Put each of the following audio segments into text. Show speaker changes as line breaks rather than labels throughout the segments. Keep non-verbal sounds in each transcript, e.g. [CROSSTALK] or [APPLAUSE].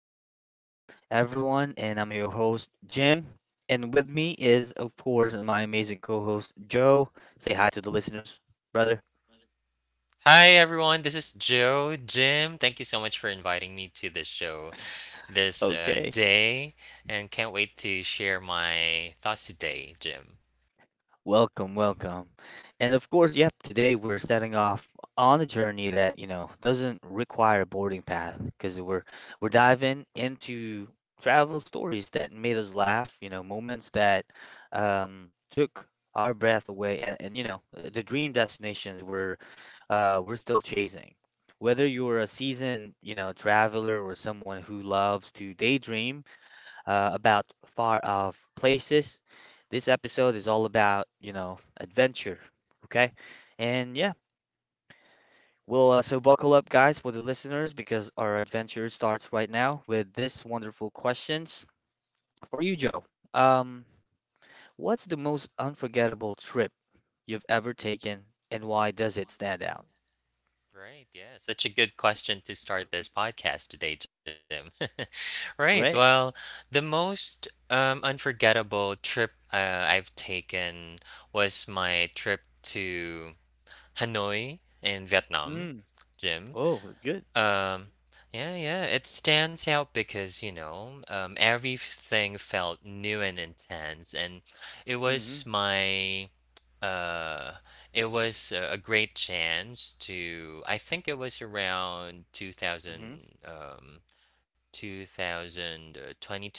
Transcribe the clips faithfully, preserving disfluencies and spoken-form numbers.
the show, everyone. And I'm your host, Jim. And with me is, of course, my amazing co host, Joe. Say hi to the listeners, brother.
Hi everyone, this is Joe. Jim, thank you so much for inviting me to this show this uh,
Okay.
day and can't wait to share my thoughts today, Jim.
Welcome, welcome. And of course, yep, today we're setting off on a journey that, you know, doesn't require a boarding pass because we're we're diving into travel stories that made us laugh, you know, moments that um took our breath away and, and you know, uh, the dream destinations were uh, we're still chasing. Whether you're a seasoned, you know, traveler or someone who loves to daydream uh, about far-off places, this episode is all about, you know, adventure. Okay, and yeah, we'll uh, so buckle up, guys, for the listeners because our adventure starts right now with this wonderful questions for you, Joe. Um, what's the most unforgettable trip you've ever taken, and why does it stand out?
Right, yeah, such a good question to start this podcast today, Jim. [LAUGHS] right,
Right?
well, the most um, unforgettable trip uh, I've taken was my trip to Hanoi in Vietnam,
Mm.
Jim.
Oh, that's good.
Um, yeah, yeah, it stands out because, you know, um, everything felt new and intense, and it was my, uh, it was a a great chance to, I think it was around
Mhm.
2000, um, two thousand twenty-two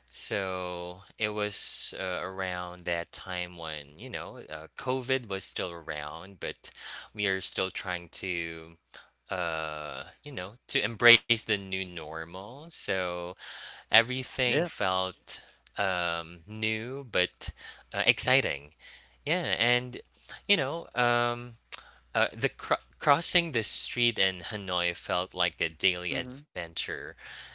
so it was uh, around that time when, you know, uh, COVID was still around, but we are still trying to, uh, you know, to embrace the new normal. So everything
Yeah.
felt um, new but uh, exciting. Yeah, and you know, um, uh, the cro- crossing the street in Hanoi felt like a daily
Mhm.
adventure.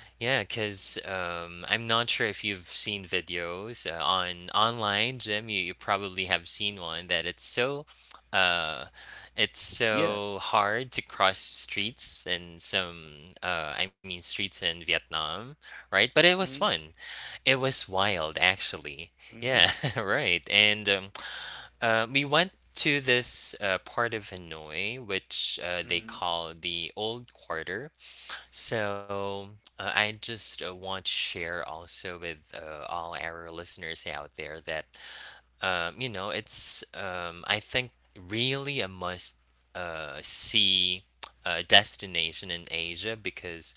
Yeah, because um, I'm not sure if you've seen videos uh, on online, Jim. You, you probably have seen one that it's so, uh, it's
Yeah.
so hard to cross streets in some, uh, I mean, streets in Vietnam, right? But it was fun.
Mhm.
It was wild, actually. Yeah,
Mhm.
[LAUGHS] right. And um, uh, we went to this uh, part of Hanoi, which uh, they
Mhm.
call the Old Quarter. So uh, I just uh, want to share also with uh, all our listeners out there that, um, you know, it's, um, I think, really a must uh, see uh, destination in Asia because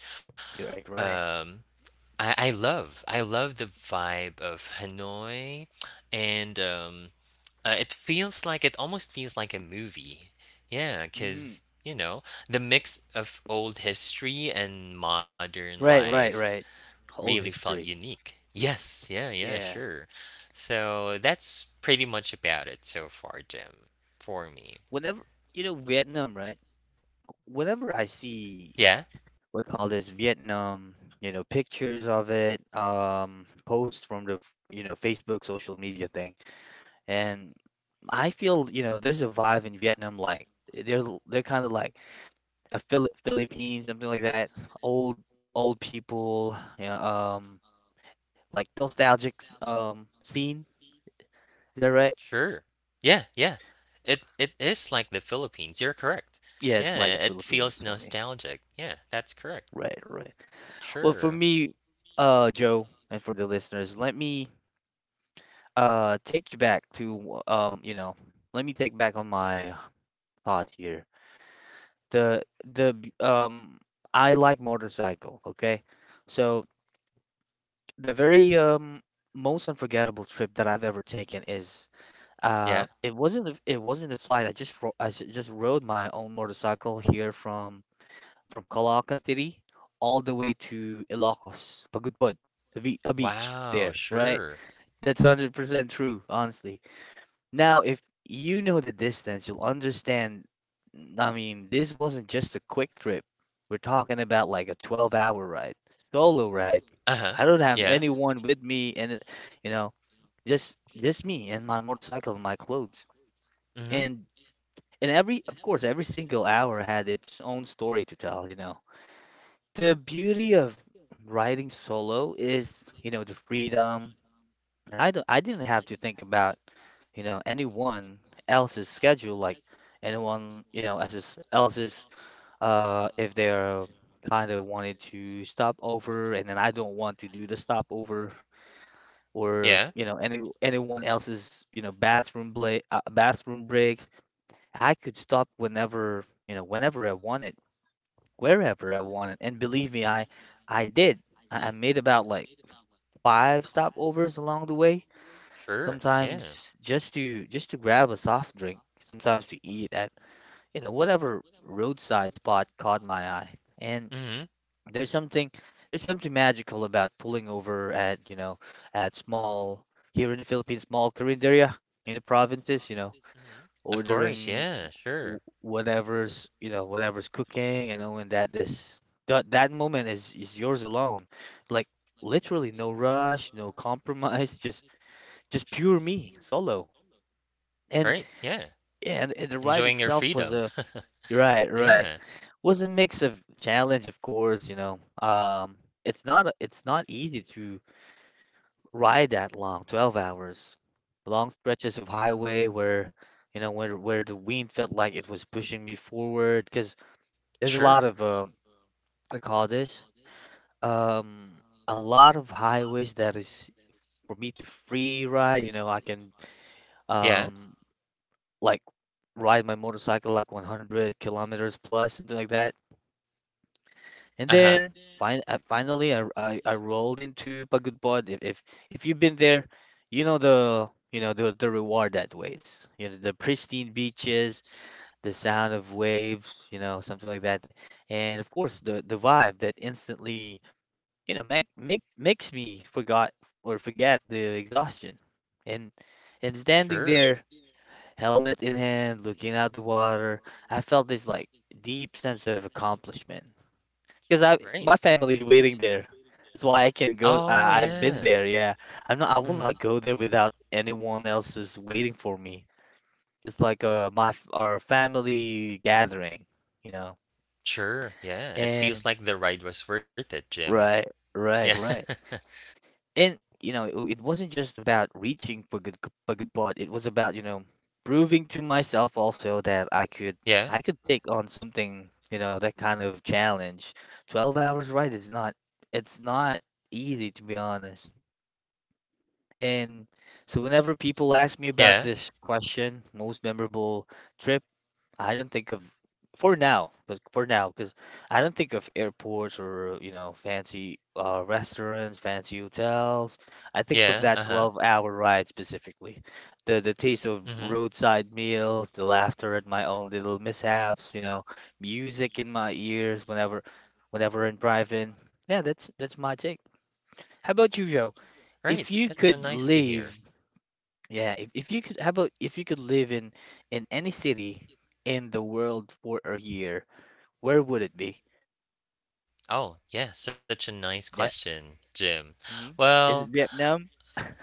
You're right, right.
um, I, I love I love the vibe of Hanoi, and um, uh, it feels like it almost feels like a movie. Yeah,
Mhm.
because you know the mix of old history and modern
Right, right,
life
right.
really
Old
felt
history.
unique. Yes, yeah, yeah,
Yeah.
sure. So that's pretty much about it so far, Jim, for me.
Whenever you know Vietnam, right? Whenever I see
Yeah.
what call this Vietnam, you know, pictures of it, um, posts from the f- you know Facebook social media thing, and I feel you know there's a vibe in Vietnam like they're l- they're kind of like a Phil Philippines something like that, old old people, yeah, um. Like nostalgic um scene. Is that right?
Sure. Yeah, yeah. It it is like the Philippines. You're correct.
Yeah,
Yeah,
it's like a
it feels
Philippines for me.
nostalgic. Yeah, that's correct.
Right, right. Well,
Sure.
for me, uh, Joe, and for the listeners, let me uh take you back to um, you know, let me take back on my thought here. The the b- um, I like motorcycle. Okay, so the very um most unforgettable trip that I've ever taken is
Yeah.
uh it wasn't a- it wasn't a flight. I just ro I s- just rode my own motorcycle here from from Caloocan City all the way to Ilocos, Pagudpud, a, be- a beach
Wow,
there, right?
sure.
That's one hundred percent true, honestly. Now, if you know the distance, you'll understand. I mean, this wasn't just a quick trip. We're talking about like a twelve-hour ride, solo ride.
Uh-huh.
I don't have
Yeah.
anyone with me, and it- you know, just just me and my motorcycle and my clothes.
Mhm.
And and every, of course, every single hour had its own story to tell, you know. The beauty of writing solo is, you know, the freedom. And I don't, I didn't have to think about, you know, anyone else's schedule, like anyone, you know, else's else's, uh, if they're kind of wanted to stop over, and then I don't want to do the stopover, or
Yeah.
you know, any anyone else's, you know, bathroom break, uh, bathroom break. I could stop whenever, you know, whenever I wanted wherever I wanted. And believe me, I I did. I I made about like five stopovers along the way,
Sure. Yeah.
sometimes just to just to grab a soft drink, sometimes to eat at, you know, whatever roadside spot caught my eye. And
Mhm.
there's something there's something magical about pulling over at, you know, at small here in the Philippines, small Carinderia in the provinces, you know,
Mhm. Of course.
ordering
Yeah,
wh-
sure.
whatever's you know whatever's cooking and knowing that this that that moment is is yours alone, like literally no rush, no compromise, [LAUGHS] just just pure me solo. And
Right. Yeah.
and, and the ride
Enjoying your
itself was
freedom.
a
[LAUGHS]
right right
Yeah.
was a mix of challenge, of course, you know, um it's not a- it's not easy to ride that long, twelve hours, long stretches of highway where you know where where the wind felt like it was pushing me forward because there's a
Sure.
lot of uh, I call this um a lot of highways that is for me to free ride. You know, I can
Yeah.
um like ride my motorcycle like one hundred kilometers plus something like that. And
Uh-huh.
then fin uh, finally, I, I I rolled into Pagudbod. If if if you've been there, you know the you know the the reward that waits. You know, the pristine beaches, the sound of waves, you know, something like that, and of course the the vibe that instantly you know make make makes me forgot or forget the exhaustion. and and standing
Sure.
there, helmet in hand, looking out the water, I felt this like deep sense of accomplishment because I,
Right.
my family's waiting there. That's why I can go.
Oh,
I, I've been
yeah.
there, yeah. i'm not I will
Mhm.
not go there without anyone else is waiting for me. It's like uh, my f- our family gathering, you know.
Sure, yeah. It
And
feels like the ride was worth it, Jim.
right
Yeah. [LAUGHS]
right right and you know, it, it wasn't just about reaching for good, for good part. It was about you know proving to myself also that i could
Yeah.
i could take on something, you know, that kind of challenge. twelve hours, right? It's not it's not easy, to be honest. And so whenever people ask me about
Yeah.
this question, most memorable trip, I don't think of for now, but for now, because I don't think of airports or, you know, fancy uh, restaurants, fancy hotels. I think of
Yeah,
that
uh-huh.
twelve-hour ride specifically. The the taste of
Mhm.
roadside meals, the laughter at my own little mishaps, you know, music in my ears whenever whenever I'm driving. Yeah, that's that's my take. How about you, Joe?
Right.
If you
That's so
could
nice to hear.
leave yeah, if, if you could, how about if you could live in in any city in the world for a year, where would it be?
Oh, yeah, such a nice
Yeah.
question, Jim.
Hmm. Is
Well,
it Vietnam?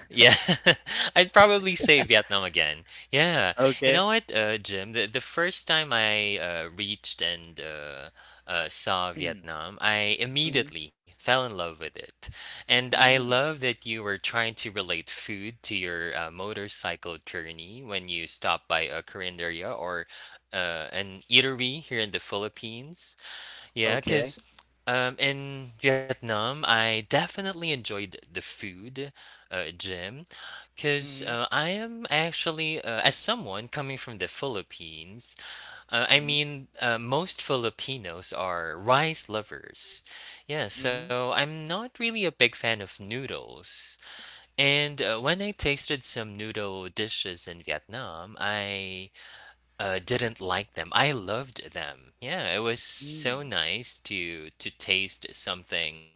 Yeah, [LAUGHS] I'd probably say Vietnam again. Yeah, you
Okay.
know what, uh, Jim? The, the first time I uh, reached and uh, uh, saw
Mm-hmm.
Vietnam, I immediately fell in love with it. And I
Mm-hmm.
love that you were trying to relate food to your uh, motorcycle journey when you stopped by a carinderia or uh, an eatery here in the Philippines. Yeah,
Okay.
because um, in Vietnam, I definitely enjoyed the food, uh, gym, because
Mm-hmm.
uh, I am actually, uh, as someone coming from the Philippines, uh, I
Mm-hmm.
mean, uh, most Filipinos are rice lovers. Yeah,
Mm-hmm.
so I'm not really a big fan of noodles. And uh, when I tasted some noodle dishes in Vietnam, I uh, didn't like them. I loved them. Yeah, it was so
Mm.
nice to to taste something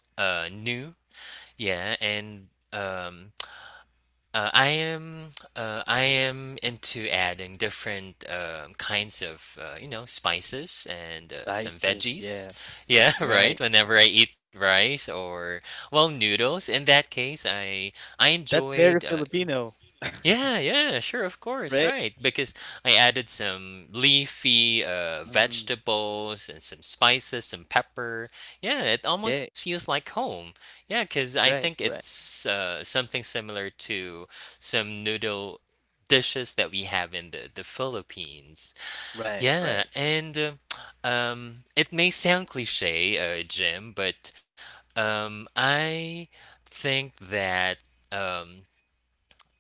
uh, new. Yeah, and um, uh, I am uh, I am into adding different um, kinds of uh, you know spices and uh, some
Spices.
veggies.
Yeah.
Yeah, [LAUGHS] right.
Right.
Whenever I eat rice or well noodles, in that case, I I
That's
enjoyed
very
uh,
Filipino,
yeah, yeah, sure, of course,
right?
right. Because I added some leafy uh,
Mm-hmm.
vegetables and some spices, some pepper. Yeah, it almost
Okay.
feels like home. Yeah, because I think
Right. Right.
it's uh, something similar to some noodle dishes that we have in the, the Philippines.
Right.
Yeah,
Right.
and um, um, it may sound cliche, uh, Jim, but um, I think that. Um,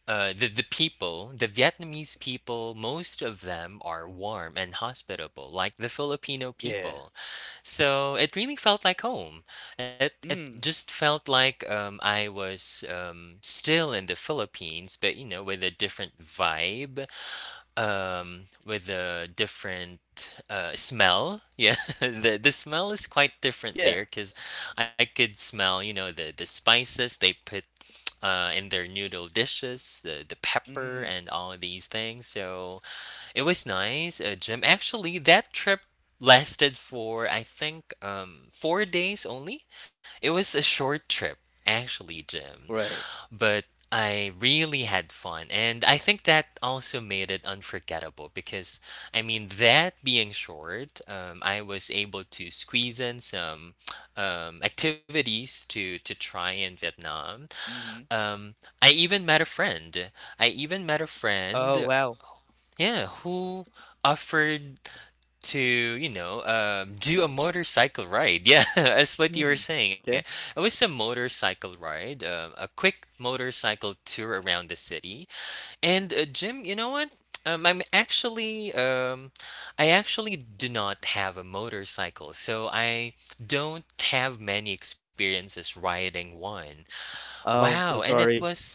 uh, the the people, the Vietnamese people, most of them are warm and hospitable, like the Filipino
Yeah.
people. So it really felt like home. It it
Mm.
just felt like um, I was um, still in the Philippines, but you know, with a different vibe, um, with a different uh, smell. Yeah, [LAUGHS] the the smell is quite different there
Yeah.
because I could smell, you know, the the spices they put uh, in their noodle dishes, the, the pepper
Mm.
and all of these things. So it was nice. Uh, Jim, actually, that trip lasted for I think um, four days only. It was a short trip, actually, Jim
Right.
but I really had fun. And I think that also made it unforgettable because, I mean, that being short, um, I was able to squeeze in some um, activities to, to try in Vietnam.
Mm-hmm.
Um, I even met a friend. I even met a
Oh
friend,
wow.
yeah, who offered to you know um, do a motorcycle ride [LAUGHS] yeah that's what you were
Mm.
saying it
Okay.
was a motorcycle ride um, a quick motorcycle tour around the city and uh, jim you know what um, i'm actually um, i actually do not have a motorcycle so i don't have many experiences riding one.
Oh, I'm
Wow,
so
and it
sorry.
was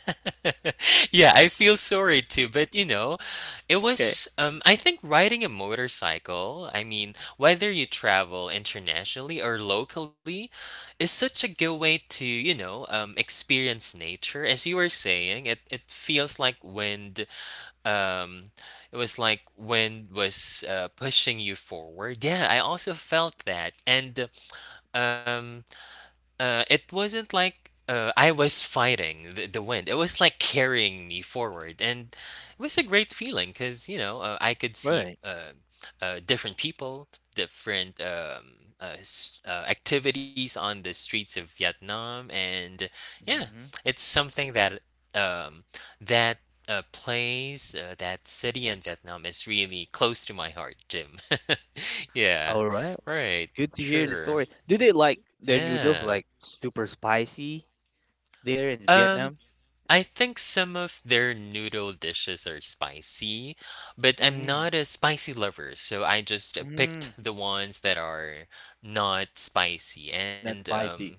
[LAUGHS] Yeah, I feel sorry too, but you know, it
Okay.
was um I think riding a motorcycle, I mean, whether you travel internationally or locally, is such a good way to, you know, um experience nature. As you were saying, it it feels like wind um it was like wind was uh, pushing you forward. Yeah, I also felt that. And um uh, it wasn't like uh, I was fighting the, the wind. It was like carrying me forward, and it was a great feeling because you know uh, I could see
Right.
uh, uh, different people, different um, uh, s- uh, activities on the streets of Vietnam, and yeah,
Hmm.
it's something that um, that uh, place, uh, that city in Vietnam is really close to my heart, Jim. [LAUGHS] yeah,
All right.
right,
Good to hear the
sure,
story. Do they like their
yeah.
noodles like super spicy there in
Um,
Vietnam?
I think some of their noodle dishes are spicy, but I'm
Mm,
not a spicy lover, so I just uh,
mm,
picked the ones that are not spicy. And
not
um,
spicy.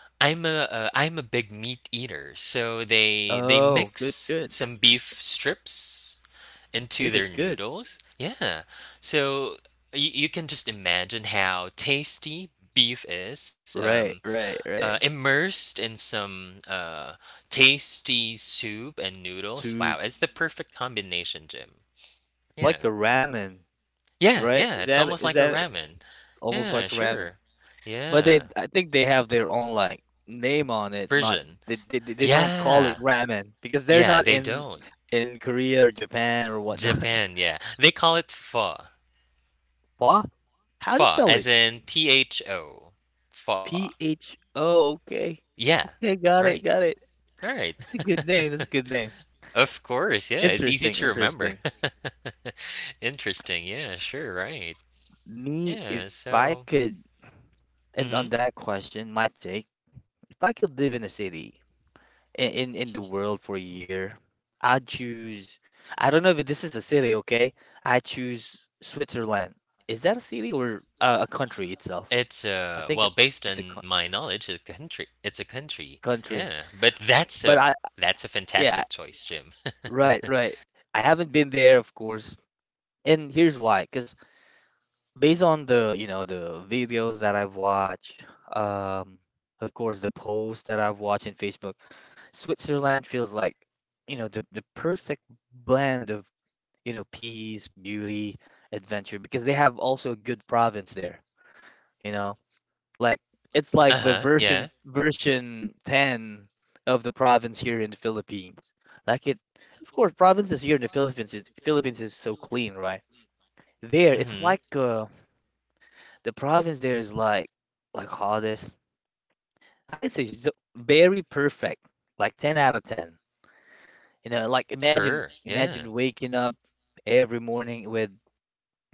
I'm a uh, I'm a big meat eater, so they they
Oh, good,
mix
good.
some beef strips into
Beef
their
is good.
noodles. Yeah, so you, you can just imagine how tasty beef is. Um,
Right, right,
uh,
right.
immersed in some uh, tasty soup and noodles.
To
Wow, it's the perfect combination, Jim. Yeah.
like a ramen,
Yeah,
right?
yeah,
Is
it's
that
almost
is
like a
that
ramen.
almost
Yeah,
like a ramen?
sure.
But they,
Yeah.
I think they have their own like name on it. Not
Version.
they, they, they they don't call
Yeah.
it ramen because they're
Yeah,
not
they
in
don't.
in Korea or Japan or whatnot.
Japan, yeah. They call it pho.
[LAUGHS] What? How do you
Pho,
spell
as
it?
in P H O. Pho.
P H O, okay.
Yeah.
Okay, got
Right.
it, got it.
All right.
That's a good name.
[LAUGHS]
That's a good name.
Of course, yeah, it's easy to
Interesting,
remember.
interesting.
[LAUGHS] Interesting, yeah, sure, right.
Me,
Yeah,
if I
so
could, and on
hmm
that question, my take, if I could live in a city in in, in the world for a year, I'd choose. I don't know if this is a city, okay? I choose Switzerland. Is that a city or a, a country itself?
It's
I
uh
think it,
well, based
it's a
on
co
my knowledge, a country. It's a country.
country.
Yeah. But that's
But
a
I,
that's a
yeah,
fantastic choice, Jim.
right,
[LAUGHS]
right. I haven't been there, of course. And here's why, because based on, the, you know, the videos that I've watched, um, of course, the posts that I've watched in Facebook, Switzerland feels like, you know, the, the perfect blend of, you know, peace, beauty, adventure, because they have also a good province there, you know? Like it's like the
Uh-huh, yeah.
version version ten of the province here in the Philippines. Like it, of course, provinces here in the Philippines is Philippines is so clean, right? There, it's like
hmm
uh, the province there is like like all this. I could say it's ju- very perfect, like ten out of ten. You know, like imagine
Sure,
imagine
yeah.
waking up every morning with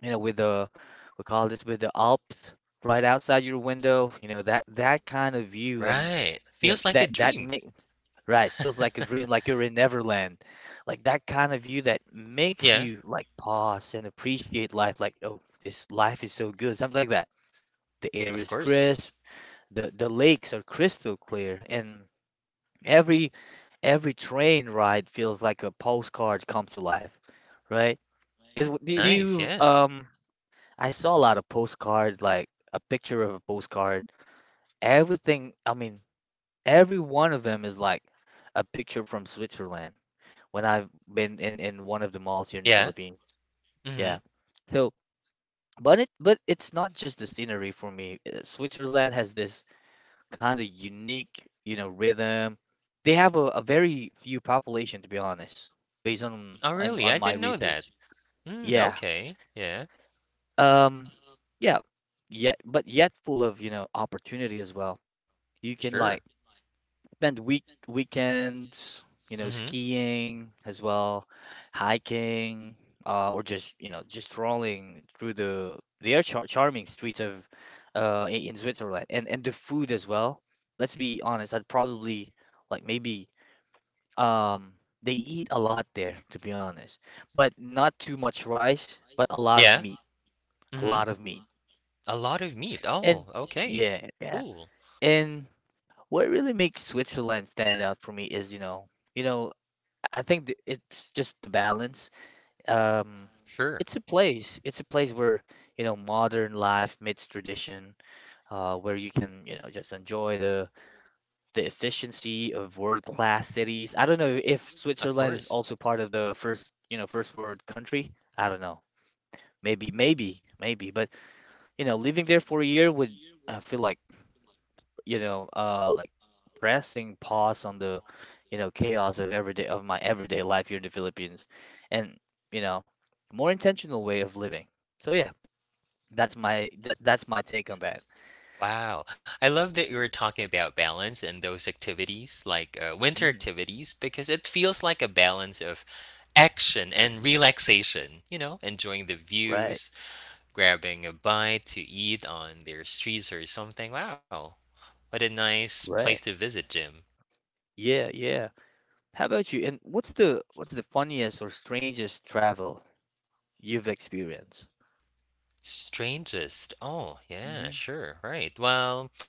you know with the we call this with the Alps right outside your window. You know that that kind of view. And
Right.
you know
Feels like a
that that
dream.
make right feels like a
[LAUGHS]
dream, like you're in Neverland, like that kind of view that makes you
Yeah,
like pause and appreciate life. Like oh, this life is so good, something like that. The air is
of course.
crisp, The the lakes are crystal clear, and every every train ride feels like a postcard come to life, right? Because do do
Nice,
you
yeah.
um, I saw a lot of postcards, like a picture of a postcard. Everything, I mean, every one of them is like a picture from Switzerland when I've been in in one of the malls here in the
Yeah.
Philippines. Yeah.
hmm
So, but it but it's not just the scenery for me. Uh, Switzerland has this kind of unique, you know, rhythm. They have a, a very few population, to be honest, based on
Oh,
on, on
really? I
my
didn't know
research.
that. Mm,
Yeah.
okay. Yeah,
Um. Yeah. Yet, but yet full of you know opportunity as well. You can like
sure.
spend week weekends, you know,
Mm-hmm.
skiing as well, hiking, uh, or just you know just strolling through the the air char charming streets of uh, i- in Switzerland and and the food as well. Let's be honest, I'd probably like maybe um, they eat a lot there, to be honest, but not too much rice, but a lot of
Yeah.
meat, a
Mm-hmm.
lot of meat,
A lot of meat.
and
Oh, okay.
yeah, yeah,
Cool.
and what really makes Switzerland stand out for me is you know. You know, I think th- it's just the balance. Um,
Sure.
it's a place. It's a place where, you know, modern life meets tradition, uh, where you can, you know, just enjoy the the efficiency of world-class cities. I don't know if
Of
Switzerland is
course.
also part of the first, you know, first world country. I don't know. Maybe, maybe, maybe. But, you know, living there for a year would, I feel like you know, uh, like pressing pause on the, you know, chaos of everyday of my everyday life here in the Philippines, and you know, more intentional way of living. So yeah, that's my that, that's my take on that.
Wow. I love that you were talking about balance and those activities, like uh, winter
Mm,
activities, because it feels like a balance of action and relaxation, you know, enjoying the
right,
views, grabbing a bite to eat on their streets or something. Wow. What a nice place
right.
to visit, Jim.
Yeah, yeah. How about you? And what's the what's the funniest or strangest travel you've experienced?
Strangest. Oh, yeah,
Mm-hmm.
sure. Right. Well,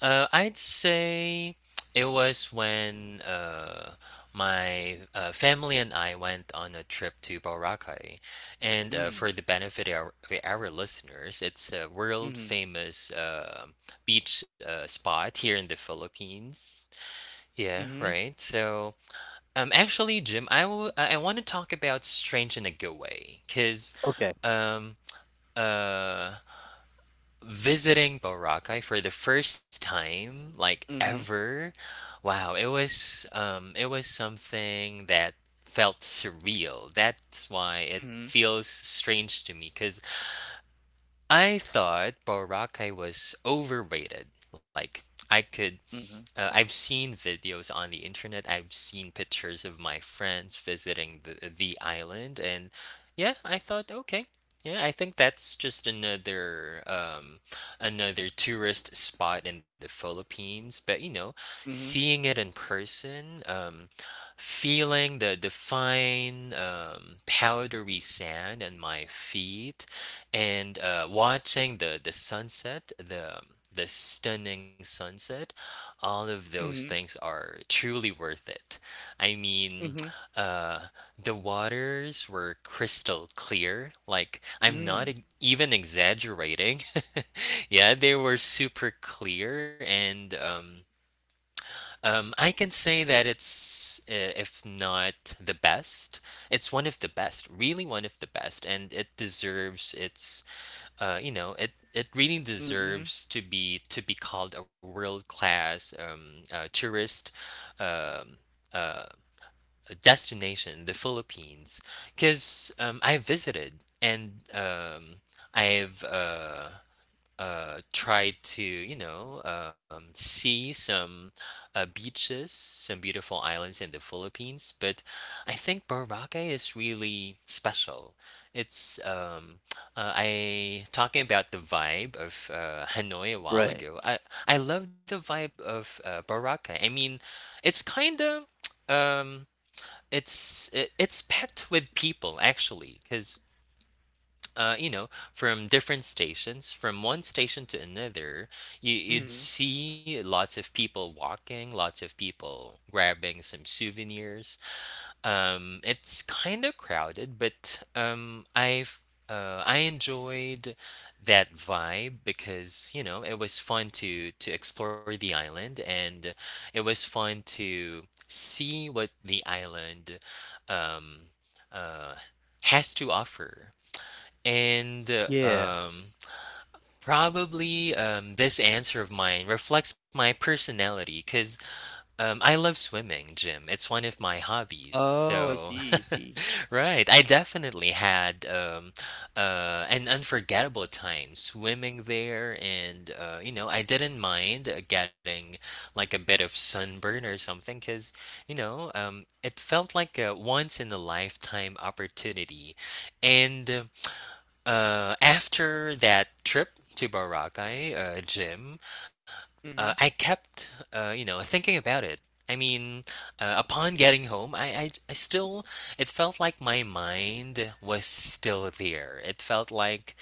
uh, I'd say it was when uh, my uh, family and I went on a trip to Boracay. And uh,
Mm,
for the benefit of our, of our listeners, it's a world
mm-hmm.
famous uh, beach uh, spot here in the Philippines. Yeah,
Mm-hmm.
right. So, um, actually, Jim, I w- I want to talk about strange in a good way, cause,
Okay.
um, uh, visiting Boracay for the first time, like
Mm-hmm.
ever. Wow, it was um it was something that felt surreal. That's why it
Mm-hmm.
feels strange to me cuz I thought Boracay was overrated. Like I could
Mm-hmm.
uh, I've seen videos on the internet. I've seen pictures of my friends visiting the the island, and yeah, I thought, okay, yeah, I think that's just another um, another tourist spot in the Philippines. But you know, seeing it in person, um, feeling the the fine um, powdery sand on my feet, and uh, watching the the sunset, the the stunning sunset all of those
Mm-hmm.
things are truly worth it. I mean,
Mm-hmm.
uh, the waters were crystal clear. Like, I'm not
Mm-hmm.
e- even exaggerating. [LAUGHS] yeah, they were super clear, and um, um, I can say that it's, uh, if not the best, it's one of the best, really one of the best, and it deserves its uh, you know, it it really
Mm-hmm.
deserves to be to be called a world class um, uh, tourist um, uh, destination, the Philippines, because um, I visited and um, I've uh, uh, try to, you know, um, see some uh, beaches, some beautiful islands in the Philippines. But I think Boracay is really special. It's um, uh, I talking about the vibe of uh, Hanoi a while
Right.
ago. I I love the vibe of uh, Boracay. I mean, it's kind of um, it's it, it's packed with people actually, because uh, you know, from different stations, from one station to another, you, you'd see lots of people walking, lots of people grabbing some souvenirs. Um, it's kind of crowded, but um, I've uh, I enjoyed that vibe because you know it was fun to to explore the island, and it was fun to see what the island um, uh, has to offer. And uh,
Yeah.
um, probably um, this answer of mine reflects my personality because um, I love swimming, Jim. It's one of my hobbies.
Oh, I
So,
see, I see.
[LAUGHS] right, I definitely had um, uh, an unforgettable time swimming there. And, uh, you know, I didn't mind uh, getting like a bit of sunburn or something because, you know, um, it felt like a once in a lifetime opportunity. And, uh, after that trip to Boracay, uh, Jim, uh, I
Hmm.
kept, uh, you know, thinking about it. I mean, uh, upon getting home, I, I, I still, it felt like my mind was still there. It felt like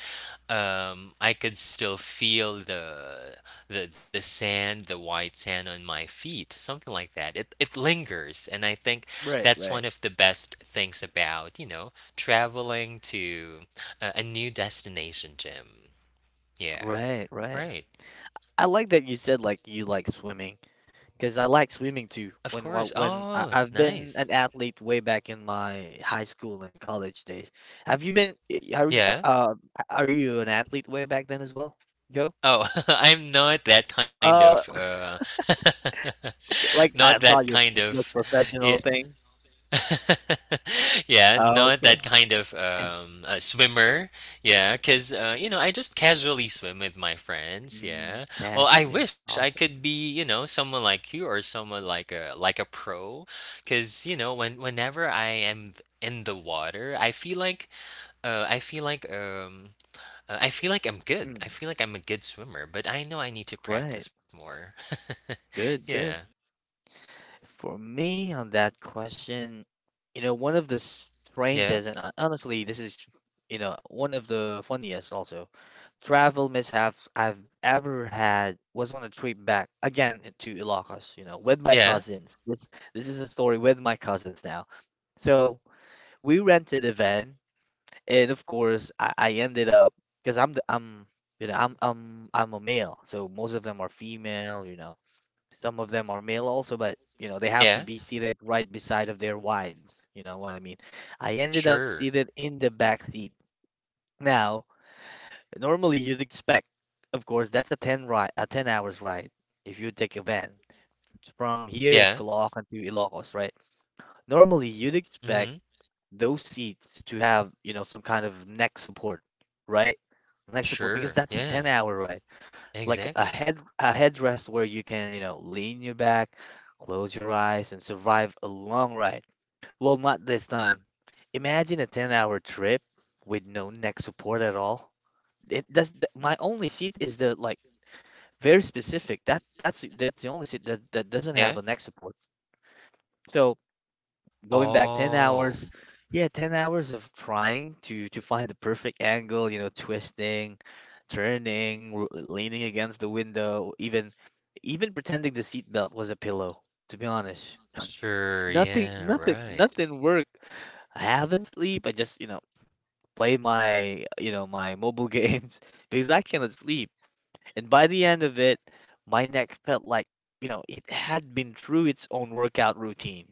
um, I could still feel the, the the sand, the white sand on my feet, something like that. It it lingers, and I think
Right,
that's one
right.
of the best things about, you know, traveling to a, a new destination, Jim. Yeah,
Right, right.
right.
I like that you said like you like swimming because I like swimming too.
Of
When wa-
course.
when I,
Oh,
I've been
nice.
an athlete way back in my high school and college days. Have you been? y- Are you
Yeah.
uh are you an athlete way back then as well, Joe?
Oh, [LAUGHS] I'm not that kind of
Uh,
uh [LAUGHS]
[LAUGHS] like
not
I
that
thought you
kind
were
of
like
yeah.
professional thing.
[LAUGHS] Yeah,
Oh,
not that
okay.
kind of um, a swimmer. Yeah, because, uh, you know, I just casually swim with my friends.
Mm,
Yeah. Well, I
naturally,
wish I
awesome.
could be, you know, someone like you or someone like a like a pro. Because, you know, when whenever I am in the water, I feel like uh, I feel like um, uh, I feel like I'm good.
Mm,
I feel like I'm a good swimmer, but I know I need to
right.
practice more. [LAUGHS]
Good,
Yeah.
good. For me, on that question, you know, one of the
Yeah.
strangest, and hon- honestly, this is, you know, one of the funniest also travel mishaps I've ever had was on a trip back again to Ilocos, you know, with my
Yeah.
cousins. This this is a story with my cousins now. So we rented a van, and of course, I, I ended up because I'm the I'm you know I'm I'm I'm a male, so most of them are female, you know. Some of them are male also, but you know, they have to
Yeah.
be seated right beside of their wives. You know what I mean? I ended up
Sure.
seated in the back seat. Now, normally you'd expect, of course, that's a ten ride, a ten hours ride if you take a van from here at
Yeah.
Caloocan to Ilocos, right? Normally you'd expect
Mm-hmm.
those seats to have, you know, some kind of neck support, right? Neck support because
Sure.
that's the
Yeah.
ten hour ride like a
Exactly.
head a headrest where you can, you know, lean your back, close your eyes, and survive a long ride. Well, not this time. Imagine a ten-hour trip with no neck support at all. It that's the, my only seat is the like very specific. That that's that's the only seat that that doesn't
Yeah.
have a neck support. So going back ten
Oh.
hours, yeah, ten hours of trying to to find the perfect angle, you know, twisting, turning, l- leaning against the window, even even pretending the seatbelt was a pillow, to be honest.
Sure.
Nothing
Yeah.
nothing
Right.
nothing worked. I haven't sleep. I just, you know, play my, you know, my mobile [LAUGHS] games because I cannot sleep. And by the end of it, my neck felt like, you know, it had been through its own workout routine.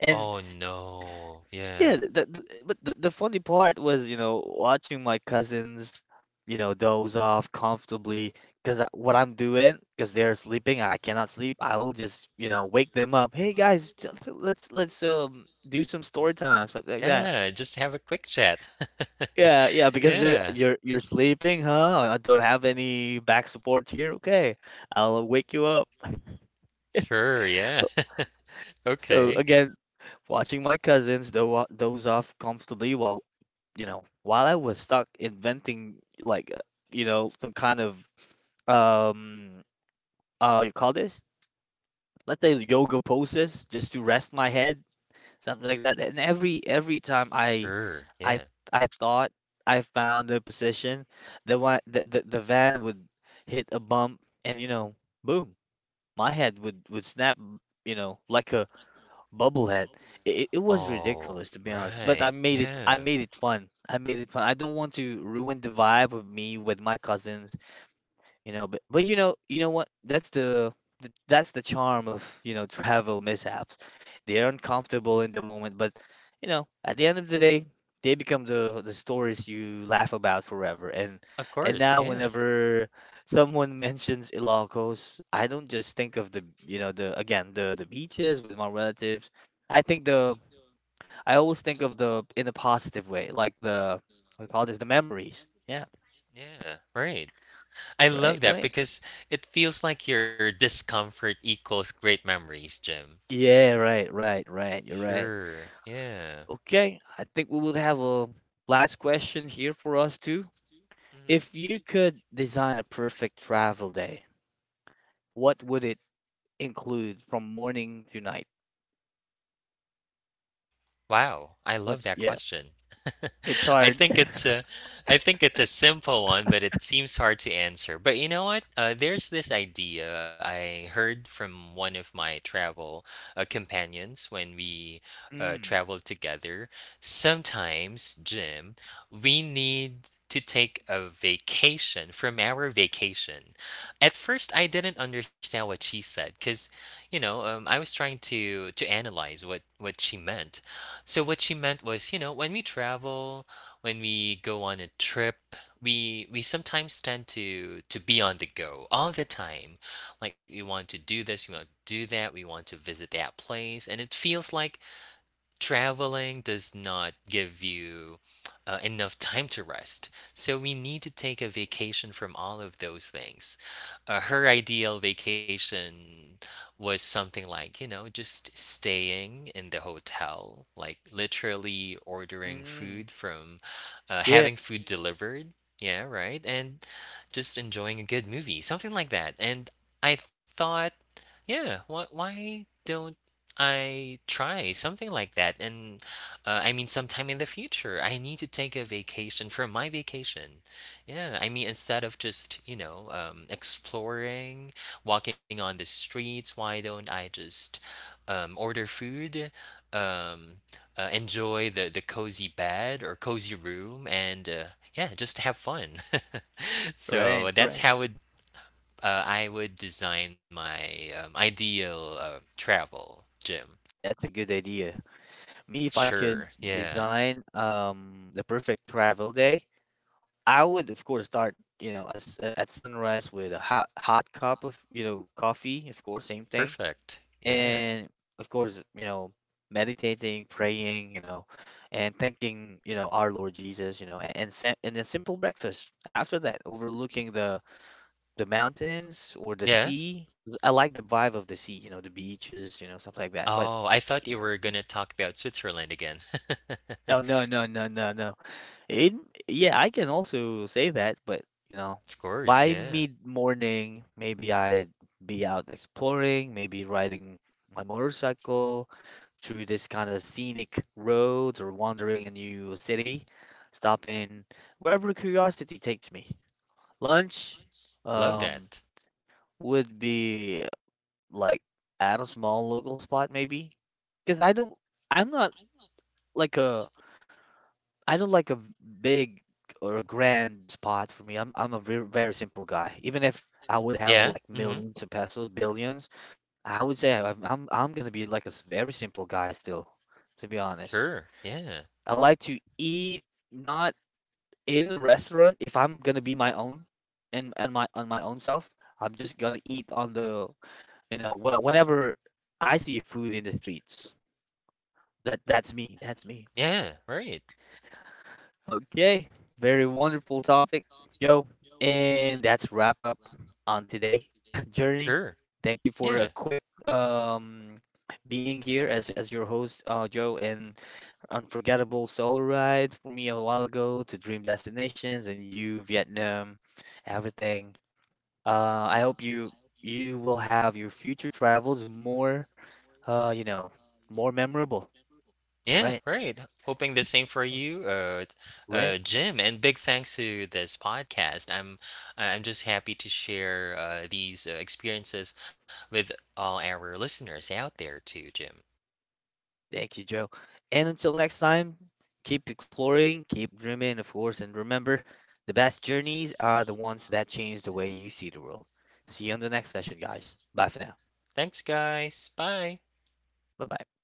And
Oh no.
yeah,
Yeah.
the, the, the- but the, the funny part was, you know, watching my cousins, you know, doze off comfortably, because what I'm doing, because they're sleeping, I cannot sleep. I will just, you know, wake them up. Hey guys, t- t- let's let's um do some story time, stuff like that.
Yeah. Just have a quick chat.
Yeah, yeah,
[LAUGHS]
because they're
Yeah.
you're you're sleeping, huh? I don't have any back support here. Okay, I'll wake you up.
Sure. Yeah. [LAUGHS]
So
Okay.
again, watching my cousins do doze off comfortably while, you know, while I was stuck inventing like uh, you know, some kind of um uh you call this, let's say, yoga poses just to rest my head, something like that. And every every time I
Sure.
I
Yeah.
I thought I found a position, the one the, the the van would hit a bump, and you know, boom, my head would would snap, you know, like a Bubblehead. It, it was
Oh,
ridiculous, to be honest, but I
right.
made it I
Yeah.
made it fun. I made it fun. I don't want to ruin the vibe of me with my cousins, you know. But but you know you know what, that's the th- that's the charm of, you know, travel mishaps. They're uncomfortable in the moment, but, you know, at the end of the day, they become the the stories you laugh about forever. and
Of
and
course.
now,
Yeah.
whenever someone [LAUGHS] mentions Ilocos, I don't just think of the, you know, the again the the beaches with my relatives. I think the, I always think of the in a positive way, like the, we call this the memories. Yeah,
Yeah. Right. I
right,
love that
right.
because it feels like your discomfort equals great memories, Jim.
Yeah, right, right, right. You're right.
Sure. Yeah.
Okay, I think we would have a last question here for us too.
Mhm.
If you could design a perfect travel day, what would it include from morning to night?
Wow, I love
What's
that
yeah,
question.
it's
[LAUGHS] I
hard.
think it's a, I think it's a simple one, but it seems hard to answer. But you know what? Uh, there's this idea I heard from one of my travel uh, companions when we uh,
Mm,
traveled together. Sometimes, Jim, we need to take a vacation from our vacation. At first, I didn't understand what she said because, you know, um, I was trying to to analyze what what she meant. So what she meant was, you know, when we travel, when we go on a trip, we we sometimes tend to to be on the go all the time. Like we want to do this, we want to do that, we want to visit that place, and it feels like traveling does not give you uh, enough time to rest. So we need to take a vacation from all of those things. Uh, her ideal vacation was something like, you know, just staying in the hotel, like literally ordering
mm,
food from, uh,
yeah,
having food delivered. Yeah, right. And just enjoying a good movie, something like that. And I thought, yeah, why, why don't I try something like that, and uh, I mean, sometime in the future, I need to take a vacation for my vacation. Yeah, I mean, instead of just, you know, um, exploring, walking on the streets, why don't I just um, order food, um, uh, enjoy the, the cozy bed or cozy room, and uh, yeah, just have fun. [LAUGHS]
right,
So that's
right.
how would uh, I would design my um, ideal uh, travel, Jim.
That's a good idea. Me, if I could
Sure. Yeah.
design um the perfect travel day, I would of course start, you know, as, uh, at sunrise with a hot hot cup of, you know, coffee, of course, same thing,
Perfect. Yeah.
and of course, you know, meditating, praying, you know, and thanking, you know, our Lord Jesus, you know, and and, sa- and a simple breakfast after that, overlooking the the mountains or the
Yeah.
sea. I like the vibe of the sea, you know, the beaches, you know, stuff like that. But
Oh, I thought you were gonna talk about Switzerland again. [LAUGHS]
oh no, no, no, no, no. It yeah, I can also say that, but you know,
Of
by
course. Yeah.
mid-morning, maybe I'd be out exploring, maybe riding my motorcycle through this kind of scenic roads or wandering a new city, stopping wherever curiosity takes me. Lunch,
Love
um,
that.
would be like at a small local spot maybe, because I don't, I'm not like a I don't like a big or a grand spot for me. I'm I'm a very, very simple guy. Even if I would have
Yeah.
like
Mhm.
millions of pesos, billions, I would say I'm I'm, I'm gonna be like a s- very simple guy still, to be honest.
Sure. Yeah.
I like to eat not in a restaurant. If I'm gonna be my own and and my on my own self, I'm just gonna eat on the, you know, wh- whenever I see food in the streets. That that's me. That's me.
Yeah. Right.
Okay, very wonderful topic, Joe. And that's wrap up on today [LAUGHS] journey.
Sure.
Thank you
Yeah.
for a quick um being here as as your host, uh, Joe, and unforgettable solo ride for me a while ago to dream destinations and you Vietnam, everything. Uh, I hope you you will have your future travels more uh you know more memorable,
Yeah.
right?
Right. Hoping the same for you, uh, t-
Right.
uh, Jim. And big thanks to this podcast. I'm, I'm just happy to share uh, these uh, experiences with all our listeners out there too, Jim.
Thank you, Joe. And until next time, keep exploring, keep dreaming, of course, and remember the best journeys are the ones that change the way you see the world. See you on the next session, guys. Bye for now.
Thanks, guys. Bye.
Bye bye.